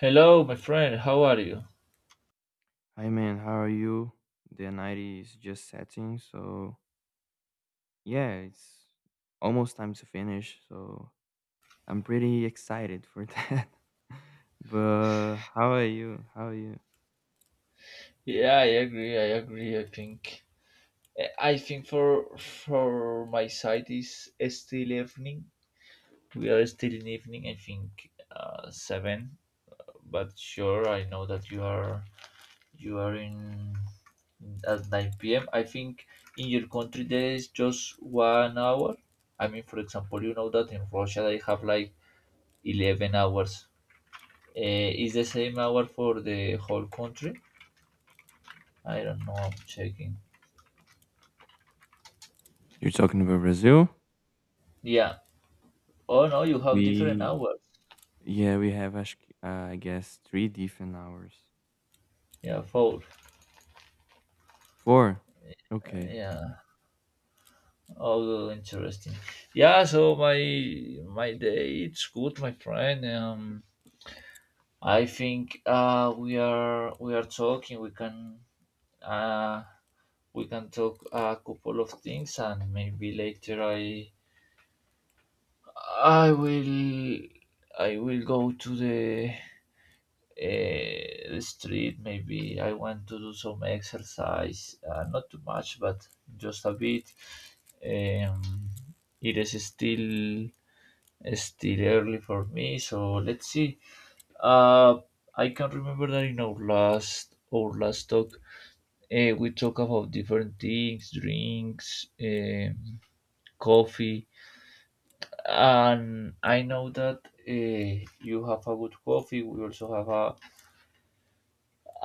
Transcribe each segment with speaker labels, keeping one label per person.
Speaker 1: Hello, my friend. How are you?
Speaker 2: Hi man, how are you? The night is just setting, so yeah, it's almost time to finish, so I'm pretty excited for that. But how are you? How are you?
Speaker 1: Yeah, I agree. I agree. I think for my side is still evening. We are still in evening. I think seven. But sure, I know that you are in at nine p.m. I think in your country there is just 1 hour. I mean, for example, you know that in Russia they have like 11 hours. Is the same hour for the whole country? I don't know. I'm checking.
Speaker 2: You're talking about Brazil?
Speaker 1: Yeah. Oh no, you have different
Speaker 2: We
Speaker 1: hours.
Speaker 2: yeah, we have I guess three different hours.
Speaker 1: Yeah, four.
Speaker 2: Four. Okay.
Speaker 1: Yeah. Oh, interesting. Yeah. So my day, it's good, my friend. I think we are talking. We can uh we can talk a couple of things, and maybe later I will I will go to the street. Maybe I want to do some exercise, not too much but just a bit. um, it is still, still early for me, so let's see. uh, I can remember that in our last talk we talk about different things, drinks, coffee. And I know that you have a good coffee. We also have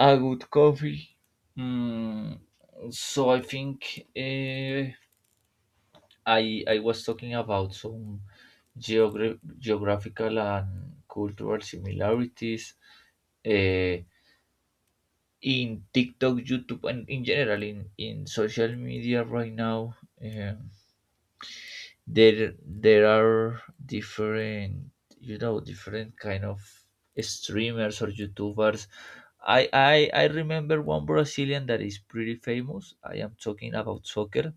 Speaker 1: a good coffee. Mm, so I think I was talking about some geographical and cultural similarities uh, in TikTok, YouTube, and in general in social media right now. There are different, you know, different kind of streamers or youtubers. I remember one brazilian that is pretty famous. I am talking about soccer,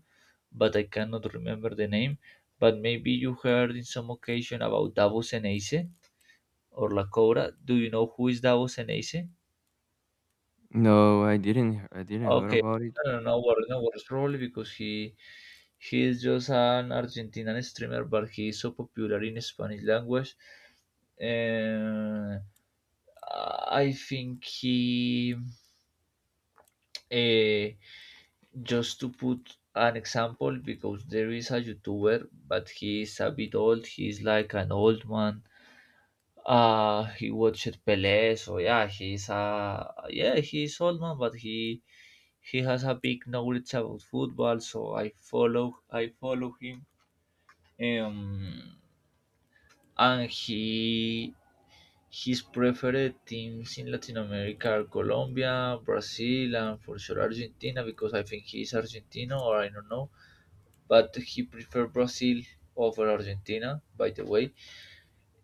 Speaker 1: but I cannot remember the name. But maybe you heard in some occasion about davos and or la cobra. Do you know who is davos and?
Speaker 2: No, I didn't heard
Speaker 1: Okay,
Speaker 2: about it.
Speaker 1: no, no worries, no worries. Probably because he is just an Argentinian streamer, but he is so popular in Spanish language. Uh, I think he uh, just to put an example, because there is a YouTuber, but he is a bit old. He is like an old man. He watched Pelé, so yeah, he's a yeah, he's old man, but he has a big knowledge about football, so I follow him. Um, and he His preferred teams in Latin America are Colombia, Brazil, and for sure Argentina, because I think he's Argentino or I don't know, but he prefer Brazil over Argentina, by the way.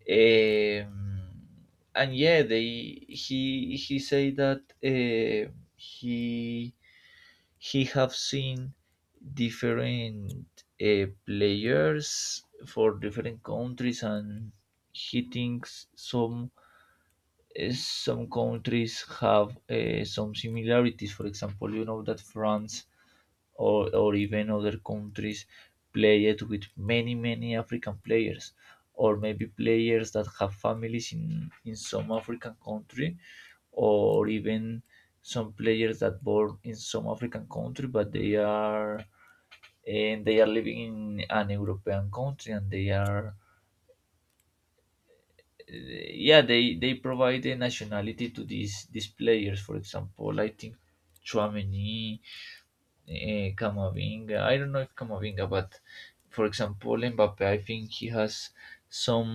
Speaker 1: Um, and yeah, they He say that he have seen different players for different countries, and he thinks some, some countries have, some similarities. For example, you know that France or even other countries play it with many many African players, or maybe players that have families in some African country, or even some players that born in some African country but they are and they are living in an European country, and they are, yeah, they provide a nationality to these players. For example, I think Chouameni, Camavinga. I don't know if Camavinga, but for example, Mbappe, I think he has some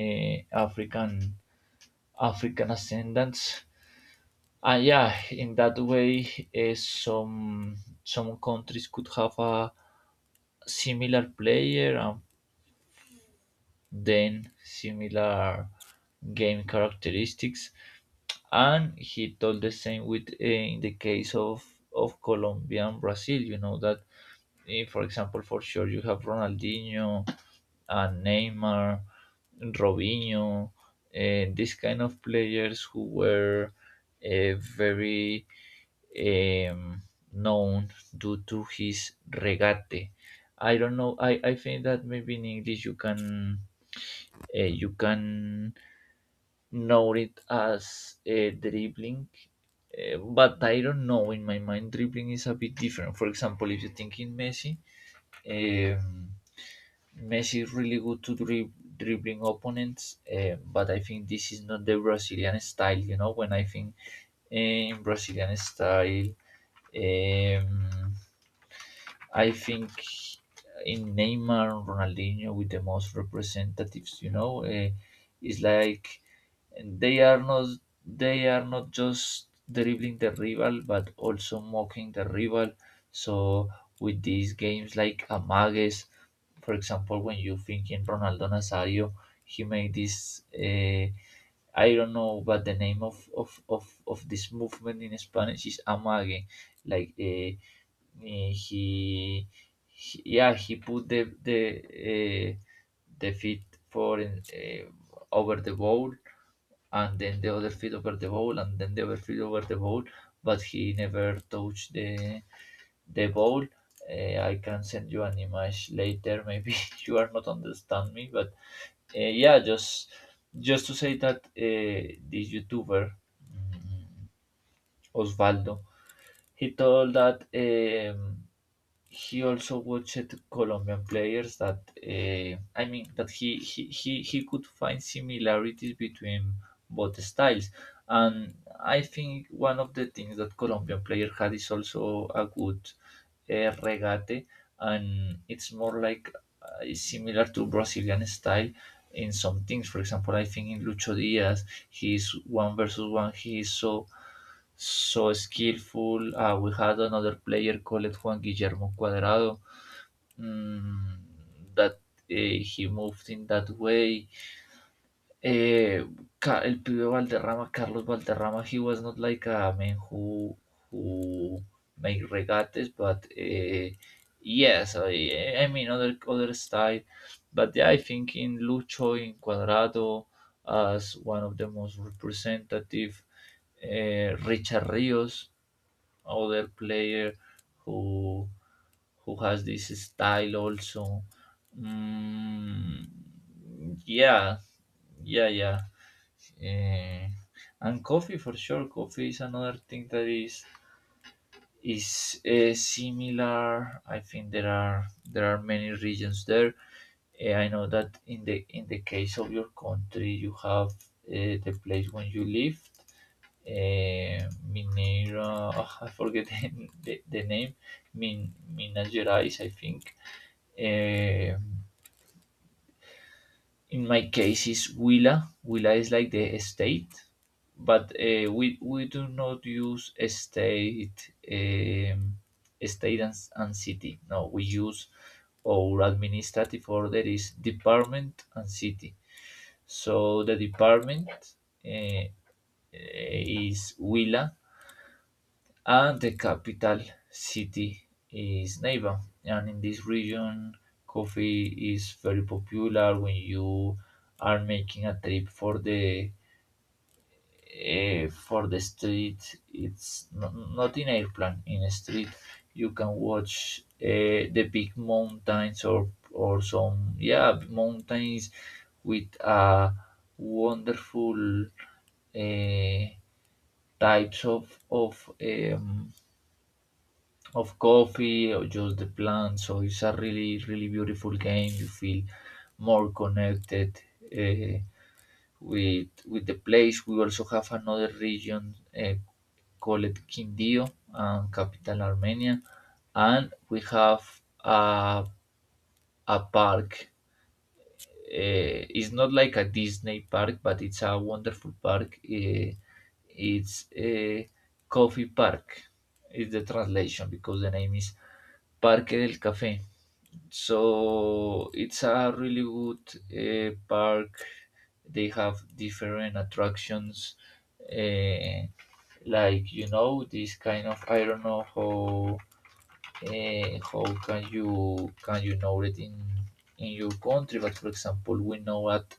Speaker 1: African, African ascendants. Ah, yeah, in that way, some countries could have a similar player and then similar game characteristics. And he told the same with, in the case of Colombia and Brazil. You know that, for example, for sure you have Ronaldinho, Neymar, Robinho, and these kind of players who were very, um, known due to his regate. I don't know. I think that maybe in English you can, you can know it as, dribbling, but I don't know. In my mind, dribbling is a bit different. For example, if you think in Messi, um, Messi is really good to dribbling opponents, but I think this is not the Brazilian style. You know, when I think in Brazilian style, um, I think in Neymar and Ronaldinho, with the most representatives, you know, it's like they are not they are not just dribbling the rival, but also mocking the rival. So with these games like Amagues, for example, when you think in Ronaldo Nazario, he made this. I don't know, but the name of this movement in Spanish is amague, like uh, Eh, he, yeah, he put the, the feet for in, over the bowl, and then the other feet over the bowl, and then the other feet over the bowl. But he never touched the bowl. I can send you an image later. Maybe you are not understand me, but, yeah, just to say that, this YouTuber, mm, Osvaldo, he told that. He also watched Colombian players that, I mean that he could find similarities between both styles. And I think one of the things that Colombian player had is also a good, regate, and it's more like, is similar to Brazilian style in some things. For example, I think in Lucho Diaz, he's one versus one, he is so so skillful. We had another player called Juan Guillermo Cuadrado, mm, that, he moved in that way. Eh, El pibe Valderrama, Carlos Valderrama, he was not like a man who make regates, but, yes, I mean other other style. But yeah, I think in Lucho, in Cuadrado, as one of the most representative, Richard Rios, other player who who has this style also. Mm, yeah, yeah, yeah. Eh, and coffee, for sure. Coffee is another thing that is, similar. I think there are many regions there. I know that in the case of your country, you have, the place when you live, Mineiro. Oh, I forget the name. Min, Minas Gerais, I think. Eh, in my case, is Huila. Huila is like the state, but, we do not use a state, state and city. No, we use our administrative order is department and city. So the department, uh, is Huila, and the capital city is Neiva. And in this region, coffee is very popular. When you are making a trip for the, for the street. It's not, not in airplane, in a street. You can watch, the big mountains or some, yeah, mountains with a wonderful, uh, types of, of coffee or just the plant. So it's a really, really beautiful game. You feel more connected, uh, with the place. We also have another region, called Quindío, and capital Armenia, and we have a a park. It's not like a Disney park, but it's a wonderful park. It's a coffee park. Is the translation, because the name is Parque del Café. So it's a really good, park. They have different attractions, uh, like, you know, this kind of. I don't know how, can you know it in your country, but for example, we know that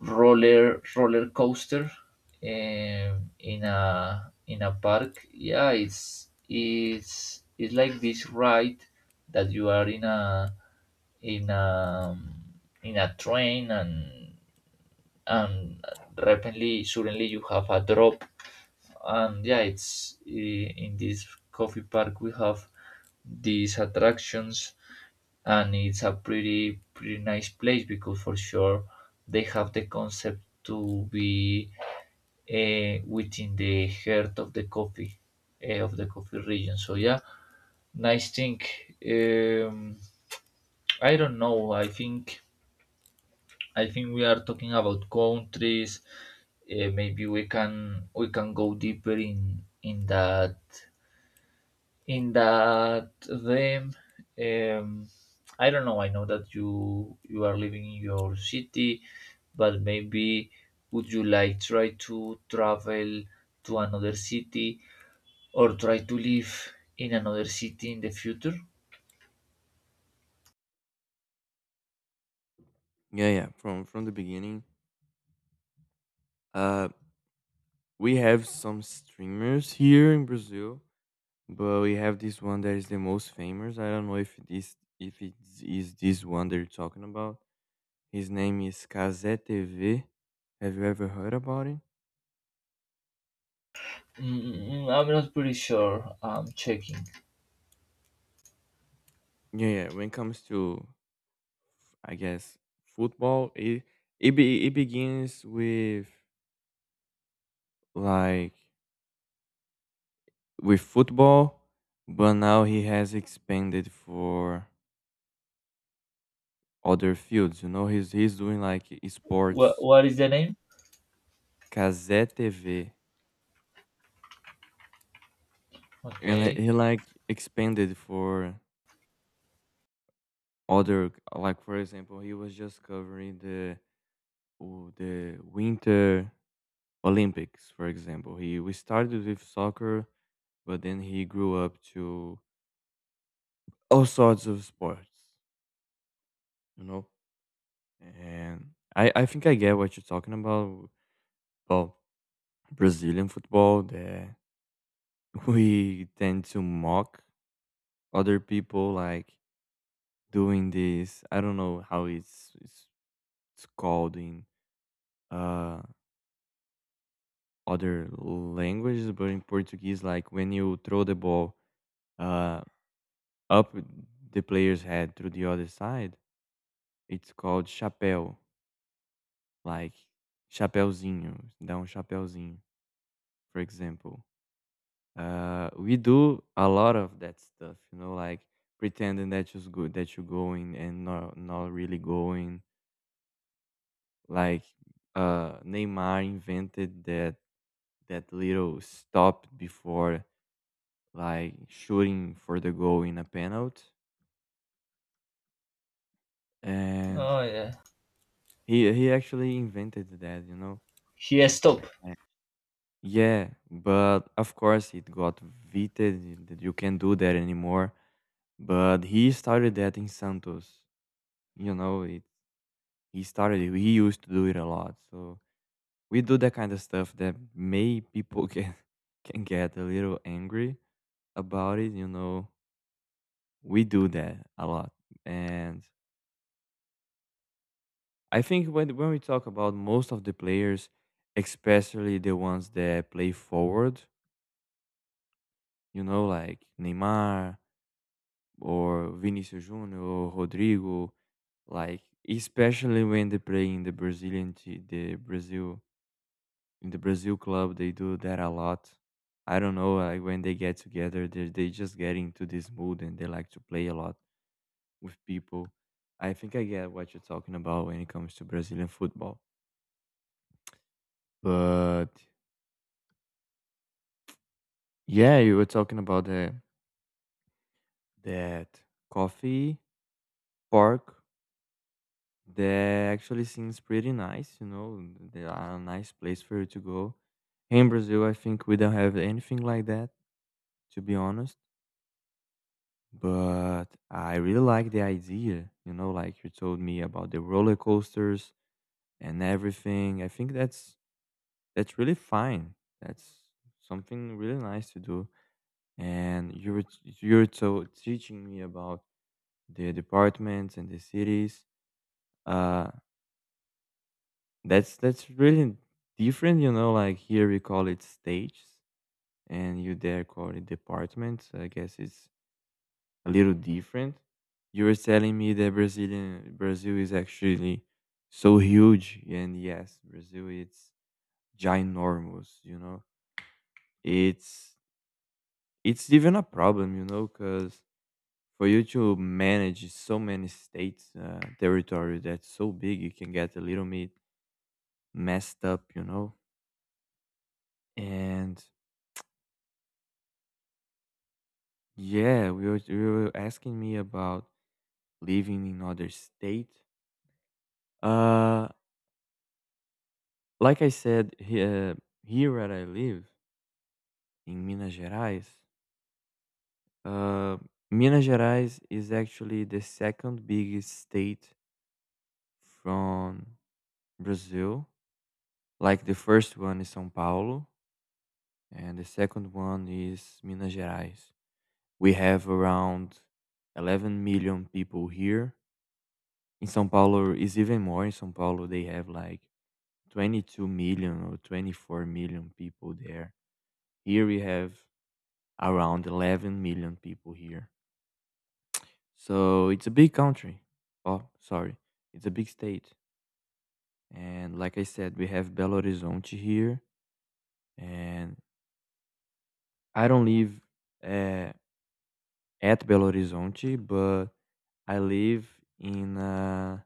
Speaker 1: roller coaster, in a park. Yeah, it's it's like this ride that you are in a in a in a train and rapidly, suddenly you have a drop. And yeah, in this coffee park we have these attractions, and it's a pretty pretty nice place, because for sure they have the concept to be, within the heart of the coffee, of the coffee region. So yeah, nice thing. Um, I don't know. I think we are talking about countries. Maybe we can go deeper in in that them. Um, I don't know. I know that you are living in your city, but maybe would you like try to travel to another city, or try to live in another city in the future?
Speaker 2: Yeah, yeah, from the beginning. Uh we have some streamers here in Brazil, but we have this one that is the most famous. I don't know if this if it is this one they're talking about. His name is Kazé TV. Have you ever heard about it?
Speaker 1: I'm not pretty sure. I'm checking.
Speaker 2: Yeah, yeah. When it comes I guess, football, it begins with, like, with football, but now he has expanded for other fields. You know, he's doing like sports.
Speaker 1: What is the name?
Speaker 2: Kazé TV, and he
Speaker 1: Okay.
Speaker 2: expanded for other, like, for example, he was just covering the the winter olympics, for example. He, we started with soccer, but then he grew up to all sorts of sports, you know. And I think I get what you're talking about Brazilian football, that we tend to mock other people, like, doing this. I don't know how it's called in uh other languages, but in Portuguese, like, when you throw the ball uh, up the player's head through the other side, it's called chapéu, like chapéuzinho, dá chapéuzinho, for example. We do a lot of that stuff, you know, like pretending that you're good, that you're going and not really going. Like, Neymar invented that that little stop before, like, shooting for the goal in a penalty. And
Speaker 1: Oh yeah.
Speaker 2: he actually invented that, you know.
Speaker 1: Here, stop.
Speaker 2: Yeah. Yeah, but of course it got vetoed, that you can't do that anymore. But he started that in Santos. You know, it he started it. He used to do it a lot. So we do that kind of stuff that may people can can get a little angry about it, you know. We do that a lot. And I think when we talk about most of the players, especially the ones that play forward, you know, like Neymar or Vinicius Junior or Rodrigo, like, especially when they play in the Brazil, in the Brazil club, they do that a lot. I don't know, like, when they get together, they just get into this mood and they like to play a lot with people. I think I get what you're talking about when it comes to Brazilian football, but yeah, you were talking about the that coffee park, that actually seems pretty nice, you know. There are a nice place for you to go. Here in Brazil, I think we don't have anything like that, to be honest. But I really like the idea, you know, like you told me about the roller coasters and everything. I think that's really fine. That's something really nice to do. And you're so teaching me about the departments and the cities. Uh, that's really different, you know. Like, here we call it stages, and you there call it departments. I guess it's a little different. You were telling me that Brazil is actually so huge, and yes, Brazil, it's ginormous. You know, it's it's even a problem, you know, because for you to manage so many states, territory that's so big, you can get a little bit messed up, you know? And yeah, you were asking me about living in other state. Uh, like I said, here where I live in Minas Gerais, uh, Minas Gerais is actually the second biggest state from Brazil. Like, the first one is São Paulo, and the second one is Minas Gerais. We have around 11 million people here. In São Paulo is even more. In São Paulo, they have like 22 million or 24 million people there. Here we have around 11 million people here. So it's a big country. Oh, sorry. It's a big state. And like I said, we have Belo Horizonte here. And I don't live uh, at Belo Horizonte, but I live in a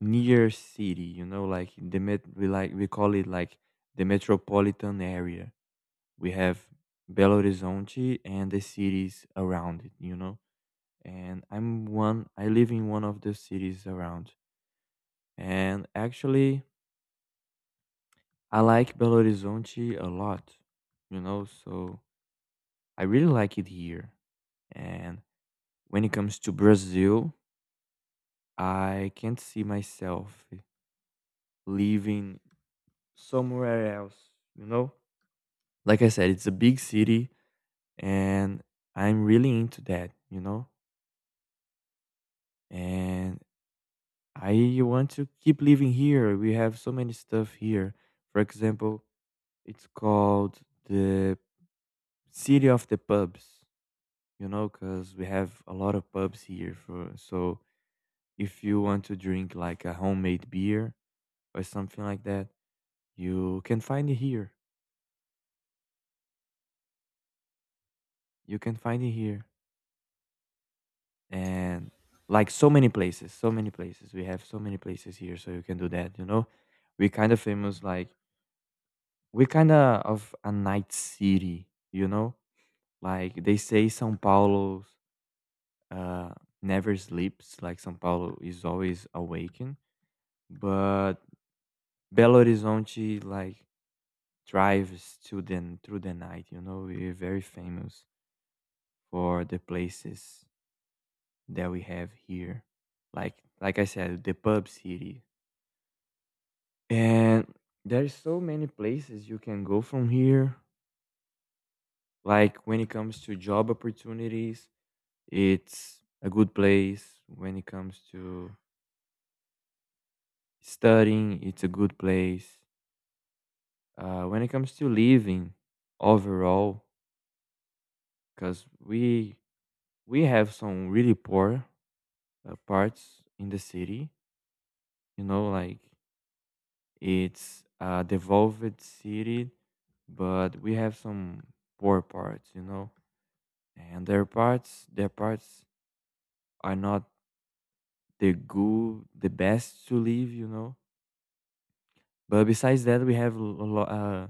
Speaker 2: near city, you know, like the met- we like we call it like the metropolitan area. We have Belo Horizonte and the cities around it, you know? And I live in one of the cities around. And actually, I like Belo Horizonte a lot, you know? So I really like it here. And when it comes to Brazil, I can't see myself living somewhere else, you know? Like I said, it's a big city and I'm really into that, you know? And I want to keep living here. We have so many stuff here. For example, it's called the city of the pubs, you know, because we have a lot of pubs here. For so, if you want to drink like a homemade beer or something like that, you can find it here. You can find it here, and like so many places, so many places. We have so many places here, so you can do that. You know, we kind of famous, like, we kind of a night city, you know. Like, they say São Paulo uh, never sleeps, like São Paulo is always awakened, but Belo Horizonte, like, thrives to the through the night. You know, we're very famous for the places that we have here. Like I said, the pub city. And there's so many places you can go from here. Like, when it comes to job opportunities, it's a good place. When it comes to studying, it's a good place. When it comes to living overall, because we have some really poor parts in the city, you know, like, it's a devolved city, but we have some poor parts, you know, and their parts are not the best to live, you know. But besides that, we have a lot.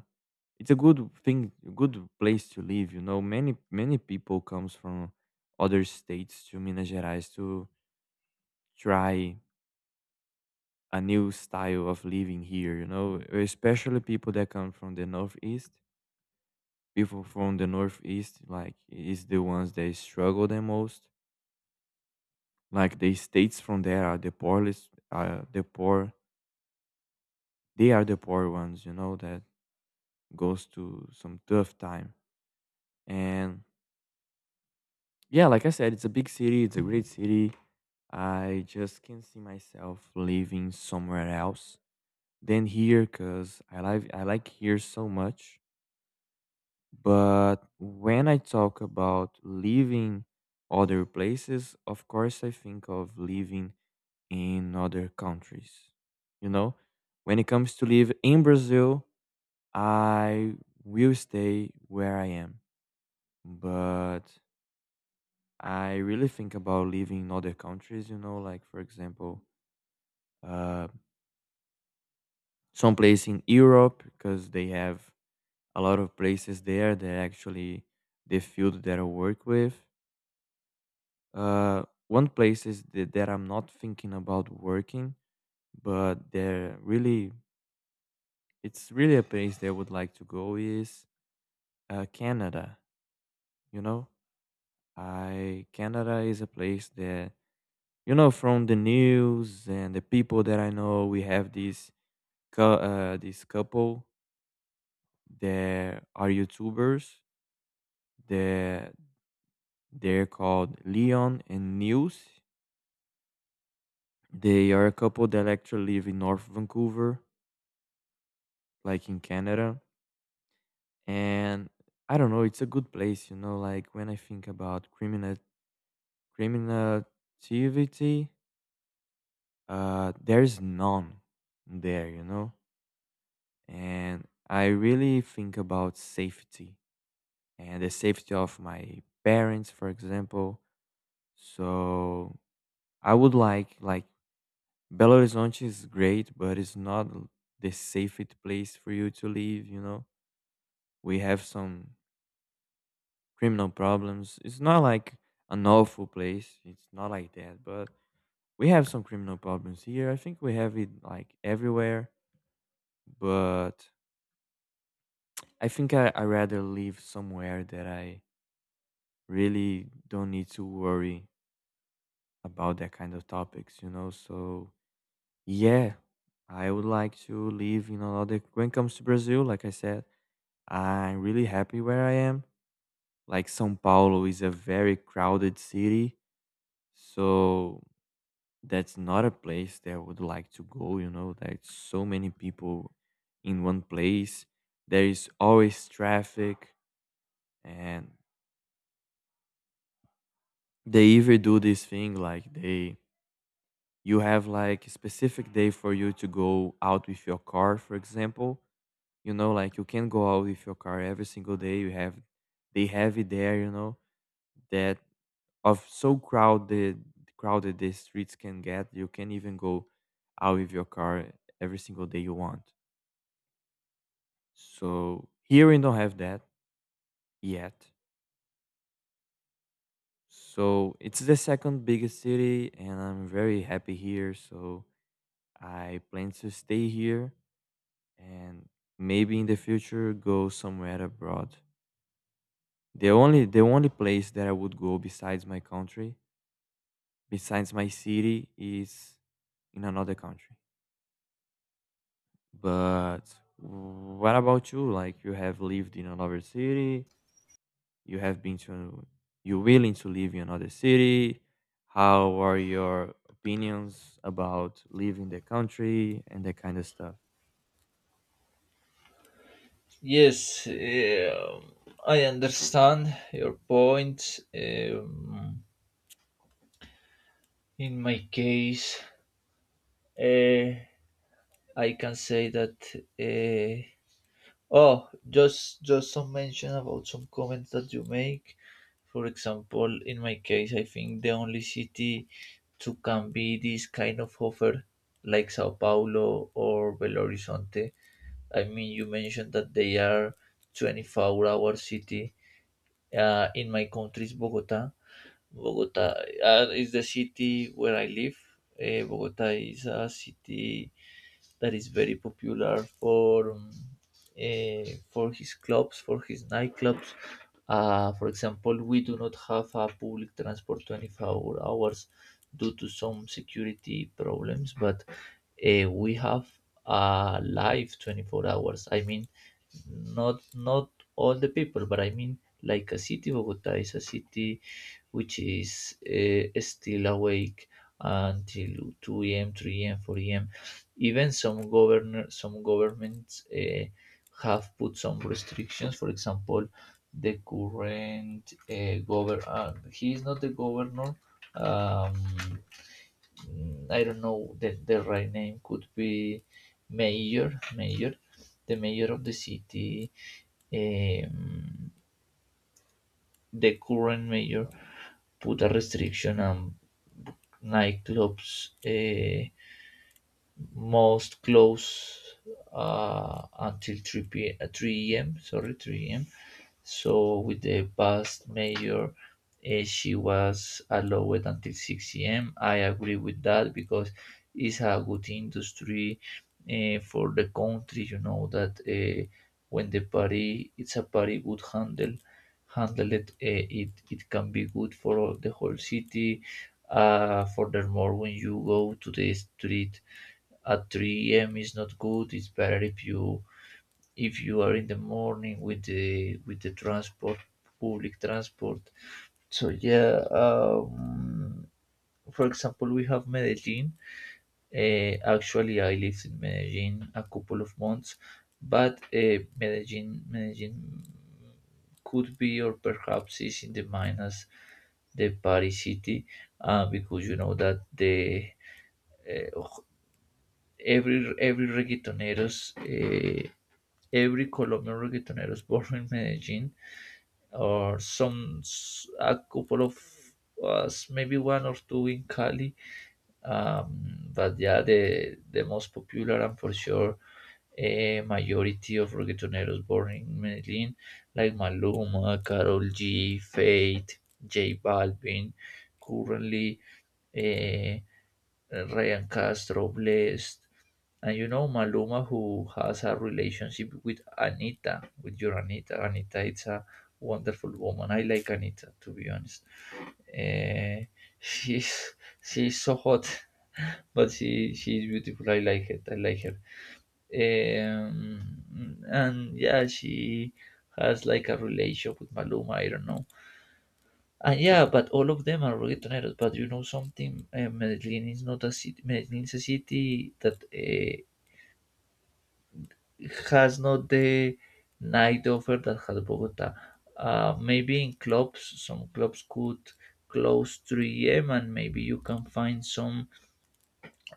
Speaker 2: It's a good place to live, you know. Many people comes from other states to Minas Gerais to try a new style of living here, you know, especially people that come from the northeast. People from the northeast, like, is the ones that struggle the most. Like, the states from there are the poorest are the poor, they are the poor ones, you know, that goes to some tough time. And yeah, like I said, it's a big city, it's a great city. I just can see myself living somewhere else than here, because I like here so much. But when I talk about living other places, of course I think of living in other countries. You know, when it comes to live in Brazil, I will stay where I am. But I really think about living in other countries, you know, like for example, uh some place in Europe, because they have a lot of places there that actually the field that I work with. One place that I'm not thinking about working, but they're really it's really a place that I would like to go is Canada. You know, I Canada is a place that, you know, from the news and the people that I know. We have this couple that are YouTubers, that they're called Leon and Nils. They are a couple that actually live in North Vancouver, like in Canada. And I don't know, it's a good place, you know, like when I think about criminal criminativity, there's none there, you know? And I really think about safety and the safety of my parents, for example. So I would like Belo Horizonte is great, but it's not the safest place for you to live, you know. We have some criminal problems. It's not like an awful place. It's not like that, but we have some criminal problems here. I think we have it like everywhere, but I think I rather live somewhere that I really don't need to worry about that kind of topics, you know. So, yeah, I would like to live in another, when it comes to Brazil, like I said. I'm really happy where I am. Like São Paulo is a very crowded city, so that's not a place that I would like to go, you know, like so many people in one place. There is always traffic, and they even do this thing, like, they you have like a specific day for you to go out with your car, for example. You know, like, you can go out with your car every single day. You have they have it there, you know that of so crowded the streets can get. You can even go out with your car every single day you want. So here we don't have that yet. So it's the second biggest city and I'm very happy here, so I plan to stay here. And maybe in the future go somewhere abroad. The only place that I would go besides my country, besides my city, is in another country. But what about you? Like, you have lived in another city, you have been to, you're willing to live in another city. How are your opinions about leaving the country and that kind of stuff?
Speaker 1: Yes. I understand your point. In my case, uh, I can say that. Uh, Oh, just some mention about some comments that you make. For example, in my case, I think the only city to can be this kind of offer, like Sao Paulo or Belo Horizonte. I mean, you mentioned that they are 24-hour city. In my country is Bogota. Bogota, is the city where I live. Bogota is a city that is very popular for, for his clubs, for his nightclubs. For example, we do not have a public transport 24 hours due to some security problems, but, we have a live 24 hours. I mean, not all the people, but I mean, like a city, Bogota is a city which is, still awake until 2 a.m., 3 a.m., 4 a.m. Even some governments, have put some restrictions. For example, the current governor he is not the governor. Um, I don't know that the right name could be mayor. Mayor, the mayor of the city. Um, the current mayor put a restriction on nightclubs. Uh, Most close until 3 a.m. Sorry, 3 a.m. So with the past mayor, she was allowed until 6 a.m. I agree with that because it's a good industry for the country. You know that when the party, it's a party good handle, handle it. It can be good for the whole city. Furthermore, when you go to the street at 3 a.m. is not good. It's better if you are in the morning with the transport, public transport. So yeah, for example, we have Medellin. Actually, I lived in Medellin a couple of months, but Medellin could be or perhaps is in the minus the Paris city because you know that the uh, every reggaetoneros every Colombian reggaetonero is born in Medellin, or a couple of us, maybe one or two in Cali. But yeah, the most popular and for sure a majority of reggaetoneros born in Medellin, like Maluma, Karol G, Fate, J Balvin, currently. Uh, Ryan Castro, Blessed, and you know Maluma, who has a relationship with Anita, with your Anita. Anita, it's a wonderful woman. I like Anita, to be honest. Eh, she's so hot, but she's beautiful. I like it. I like her. And yeah, she has like a relationship with Maluma. I don't know. Yeah, but all of them are reggaetoneros. But you know something, Medellin is not a city. Medellin is a city that has not the night offer that has Bogota. Maybe in clubs, some clubs could close 3 a.m. and maybe you can find some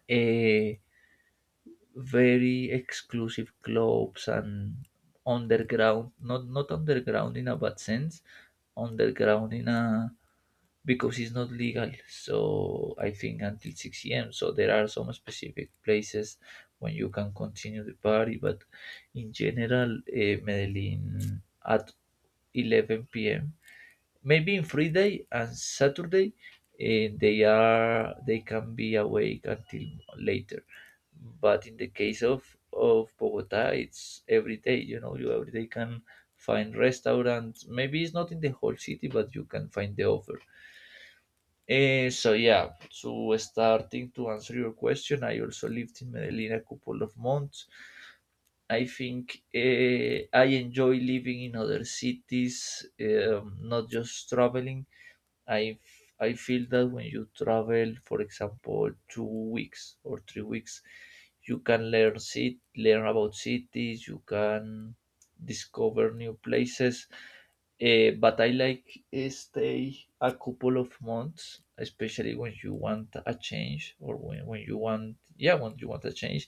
Speaker 1: uh, very exclusive clubs and underground. Not underground in a bad sense. Underground in a because it's not legal. So I think until 6 a.m. So there are some specific places when you can continue the party, but in general, Medellin at 11 p.m. Maybe in Friday and Saturday, they can be awake until later. But in the case of Bogota, it's every day. You know, you every day can find restaurants. Maybe it's not in the whole city, but you can find the offer. So starting to answer your question, I also lived in Medellin a couple of months. I think I enjoy living in other cities, not just traveling. I feel that when you travel, for example, 2 weeks or 3 weeks, you can learn learn about cities. You can discover new places but I like stay a couple of months, especially when you want a change or when you want when you want a change,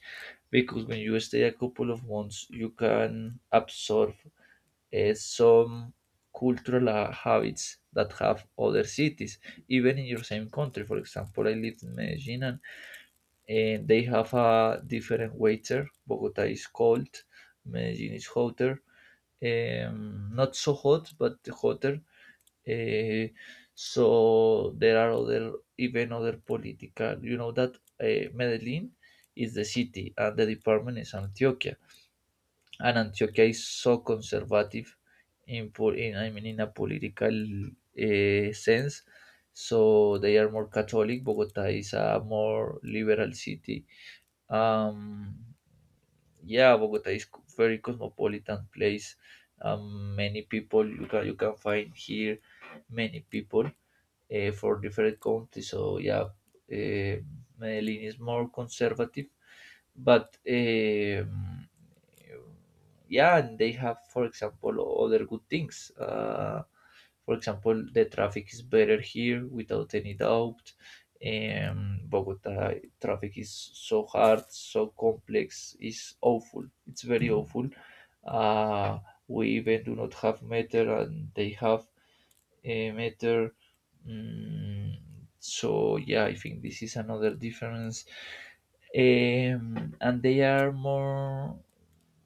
Speaker 1: because when you stay a couple of months, you can absorb some cultural habits that have other cities, even in your same country. For example, I live in Medellin and they have a different waiter. Bogota is cold, Medellin is hotter not so hot, but hotter. Uh, so there are other, even other political, you know that Medellin is the city and the department is Antioquia. And Antioquia is so conservative in I mean, in a political sense. So they are more Catholic. Bogota is a more liberal city. Um, yeah, Bogota is very cosmopolitan place. Many people you can find here, many people for different countries. So yeah, uh, Medellin is more conservative, but yeah, and they have, for example, other good things. For example, the traffic is better here without any doubt. Bogota traffic is so hard, so complex, is awful. It's very awful. Uh, we even do not have meter, and they have matter. Mm, so yeah, I think this is another difference. And they are more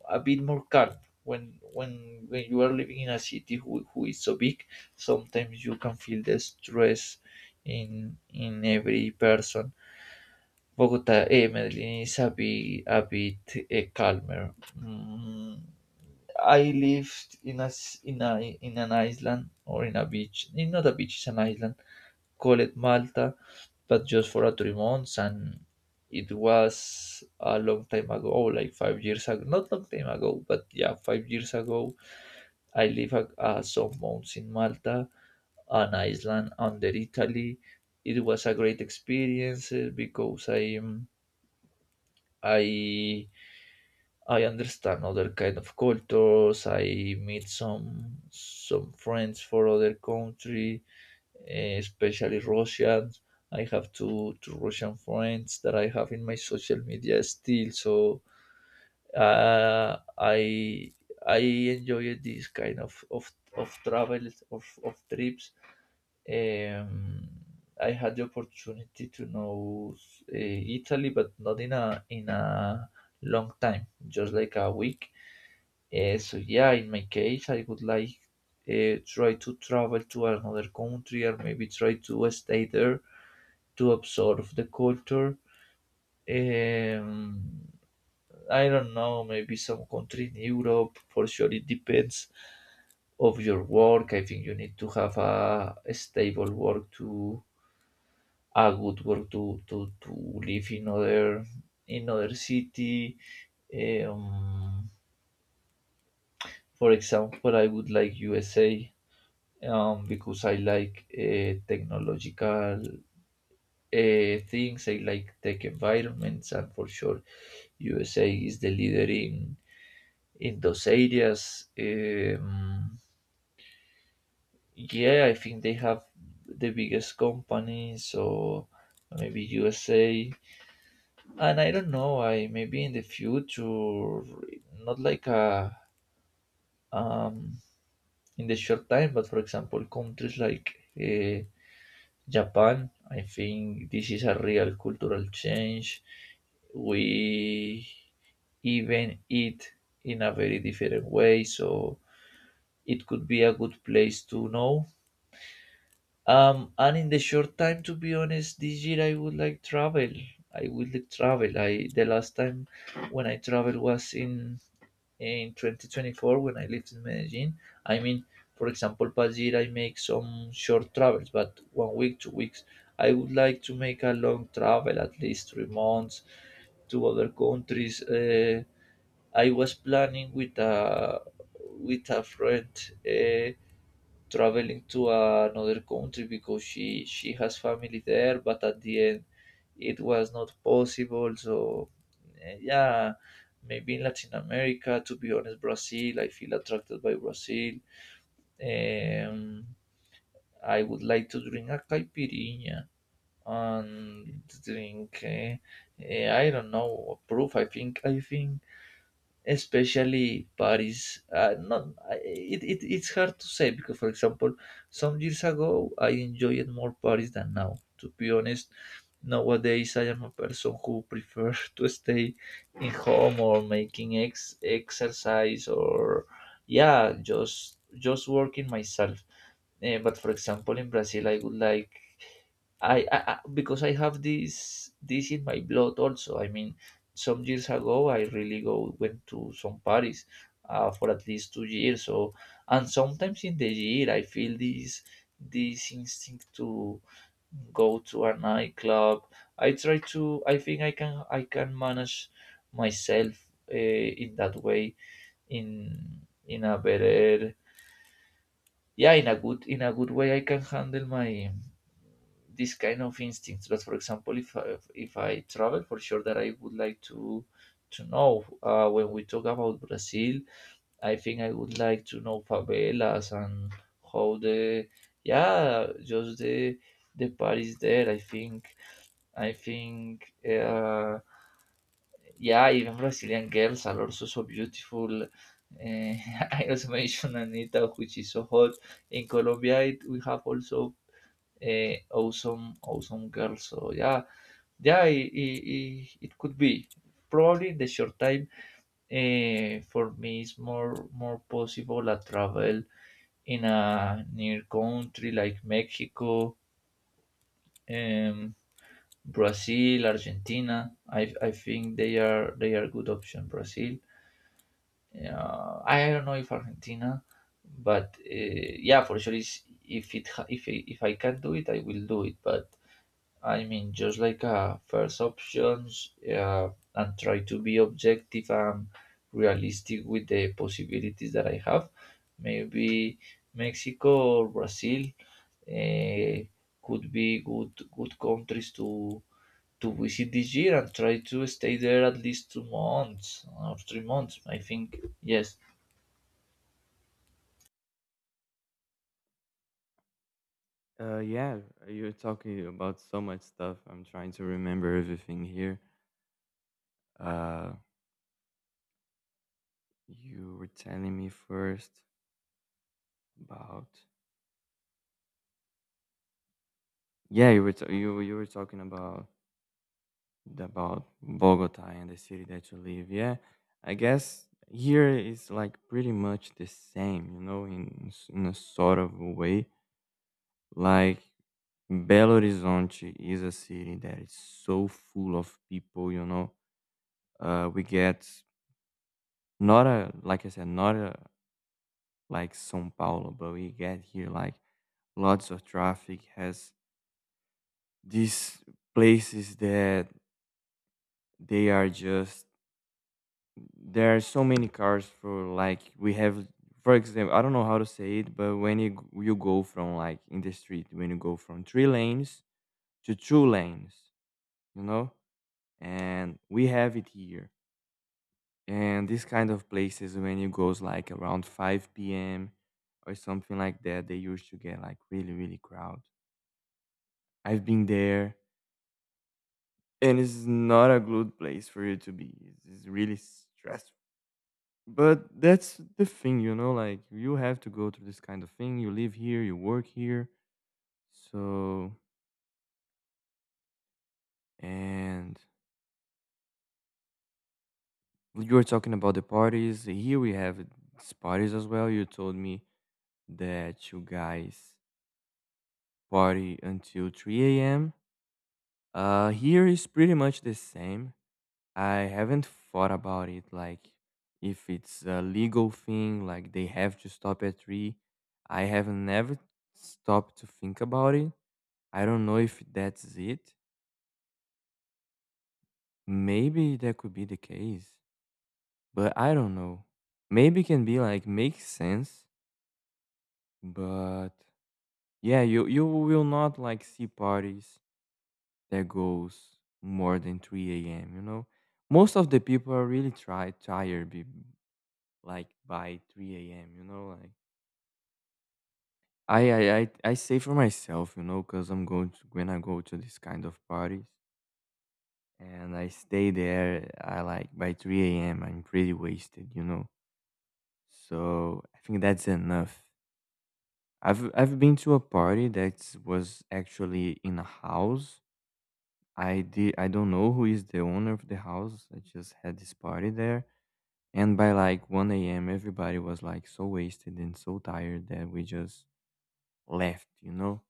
Speaker 1: a bit more calm when when you are living in a city who is so big. Sometimes you can feel the stress in every person. Medellin is a bit calmer. Mm, I lived in a s- in a in an island or in a beach. Not a beach, it's an island call it Malta, but just for a 3 months, and it was a long time ago, like 5 years ago. Not long time ago, but yeah, 5 years ago. I lived a some months in Malta, an island under Italy. It was a great experience because I I understand other kind of cultures. I meet some friends for other country especially Russians. I have two Russian friends that I have in my social media still. So uh, I I enjoy this kind of travel of trips. Um, I had the opportunity to know uh, Italy, but not in a long time, just like a week. So yeah, in my case, I would like try to travel to another country or maybe try to stay there to absorb the culture. Um, I don't know, maybe some country in Europe. For sure, it depends of your work. I think you need to have a stable work to a good work to live in other city. Um, for example, I would like USA because I like technological things. I like tech environments, and for sure, USA is the leader in those areas. Yeah, I think they have the biggest company, so maybe USA. And I don't know. I maybe in the future, not like a um, in the short time, but for example, countries like. Uh, Japan, I think this is a real cultural change. We even eat in a very different way, so it could be a good place to know. And in the short time, to be honest, this year I would like travel. I would like travel. I the last time when I traveled was in 2024 when I lived in Medellin. I mean, for example, past year I make some short travels, but one week, 2 weeks. I would like to make a long travel, at least 3 months to other countries. I was planning with a friend. Uh, Traveling to another country because she has family there but at the end it was not possible so yeah maybe in latin america to be honest brazil I feel attracted by brazil um I would like to drink a caipirinha and drink I don't know proof I think especially Paris. Not, I- it's hard to say because, for example, some years ago I enjoyed more Paris than now. To be honest, nowadays I am a person who prefers to stay in home or making exercise or yeah, just working myself. But for example, in Brazil, I would like because I have this in my blood also. I mean, some years ago I really go went to some parties for at least 2 years. So and sometimes in the year I feel this instinct to go to a nightclub. I try to. I think I can manage myself in that way in a better yeah in a good way. I can handle my this kind of instincts. But for example, if I travel, for sure that I would like to know. When we talk about Brazil, I think I would like to know favelas and how the yeah, just the part is there. I think yeah, even Brazilian girls are also so beautiful. Uh, I also mentioned Anita, which is so hot in Colombia. It, we have also awesome girl so yeah yeah it could be probably the short time for me is more possible a travel in a near country like mexico um, brazil argentina I think they are good option brazil I don't know if argentina but yeah for sure is if I can do it I will do it but I mean, just like a first options, and try to be objective and realistic with the possibilities that I have. Maybe Mexico or Brazil uh, could be good countries to visit this year and try to stay there at least 2 months or 3 months. I think yes.
Speaker 2: Yeah, you're talking about so much stuff. I'm trying to remember everything here. Uh, you were telling me first about, yeah, you were t- you were talking about Bogota and the city that you live. Yeah, I guess here is like pretty much the same, you know, in in a sort of a way. Like, Belo Horizonte is a city that is so full of people, you know. We get, not a, like I said, not a like São Paulo, but we get here like lots of traffic. Has these places that they are just, there are so many cars. For like we have, for example, I don't know how to say it, but when you you go from, like, in the street, when you go from three lanes to two lanes, you know, and we have it here. And this kind of places, when it goes like around 5 p.m. or something like that, they used to get like really, really crowd. I've been there, and it's not a good place for you to be. It's really stressful. But that's the thing, you know, like, you have to go through this kind of thing. You live here, you work here. So, and you were talking about the parties. Here we have these parties as well. You told me that you guys party until 3 a.m. Here is pretty much the same. I haven't thought about it, like, if it's a legal thing, like they have to stop at 3. I have never stopped to think about it. I don't know if that's it. Maybe that could be the case, but I don't know. Maybe can be like make sense, but yeah, you will not like see parties that goes more than 3 a.m. You know, most of the people are really try tired be, like by 3 a.m. You know, like I say for myself, you know, because I'm going to, when I go to this kind of parties. And I stay there. I like by 3 a.m. I'm pretty wasted, you know. So I think that's enough. I've been to a party that was actually in a house. I did, I don't know who is the owner of the house. I just had this party there, and by like 1 a.m. everybody was like so wasted and so tired that we just left, you know.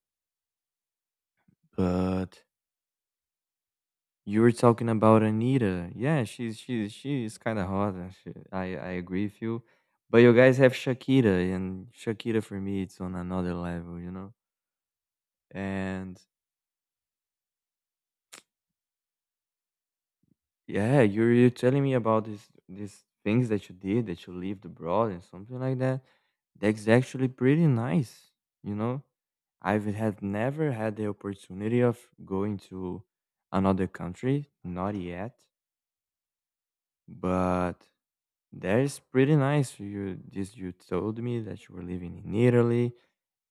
Speaker 2: But you were talking about Anita. Yeah, she's she's kind of hot. And I agree with you. But you guys have Shakira, and Shakira for me it's on another level, you know. And yeah, you're telling me about this these things that you did, that you lived abroad and something like that. That's actually pretty nice, you know. I've had never had the opportunity of going to another country, not yet. But that's pretty nice. You this you told me that you were living in Italy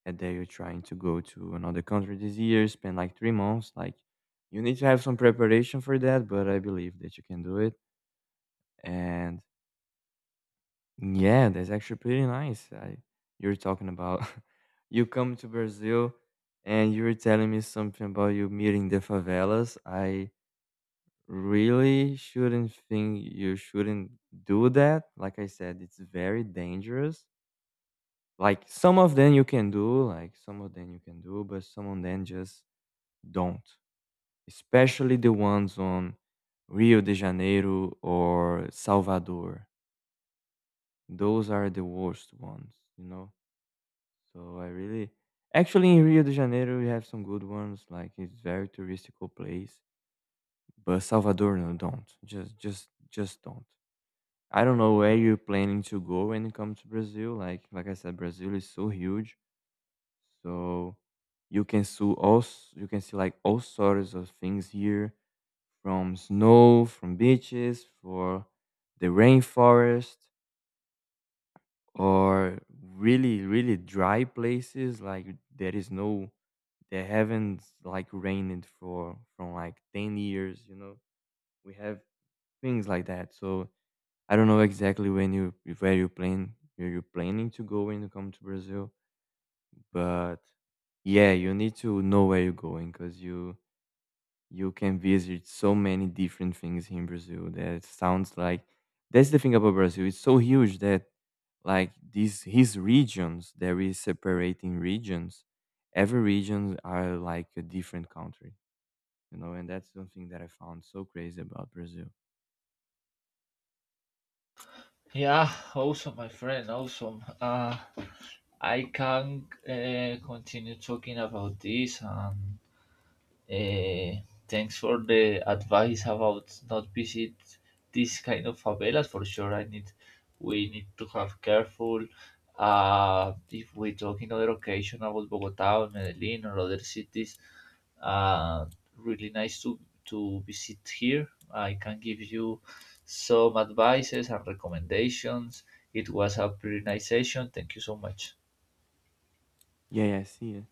Speaker 2: and that you're trying to go to another country this year, spend like three months. Like you need to have some preparation for that, but I believe that you can do it. And yeah, that's actually pretty nice. I you're talking about you come to Brazil and you were telling me something about you meeting the favelas. I really shouldn't think you shouldn't do that. Like I said, it's very dangerous. Like, some of them you can do, like, some of them you can do, but some of them just don't, especially the ones on Rio de Janeiro or Salvador. Those are the worst ones, you know? So I really, actually, in Rio de Janeiro, we have some good ones, like, it's very touristical place, but Salvador, no, don't. Just don't. I don't know where you're planning to go when it comes to Brazil, like I said, Brazil is so huge. So you can see all you can see like all sorts of things here, from snow, from beaches, for the rainforest, or really, really dry places like there is no, they haven't like rained for from like 10 years, you know. We have things like that. So I don't know exactly when you, where you plan, where you're planning to go when you come to Brazil. But yeah, you need to know where you're going, because you can visit so many different things here in Brazil that sounds like, that's the thing about Brazil. It's so huge that like these his regions, there is separating regions. Every regions are like a different country, you know, and that's something that I found so crazy about Brazil.
Speaker 1: Yeah, awesome, my friend. Awesome. I can continue talking about this and Eh, thanks for the advice about not visit this kind of favelas for sure. I need We need to have careful. If we talk in other occasion about Bogota or Medellin or other cities, uh, really nice to visit here. I can give you some advices and recommendations. It was a pretty nice session. Thank you so much.
Speaker 2: Yeah, yeah, I see it.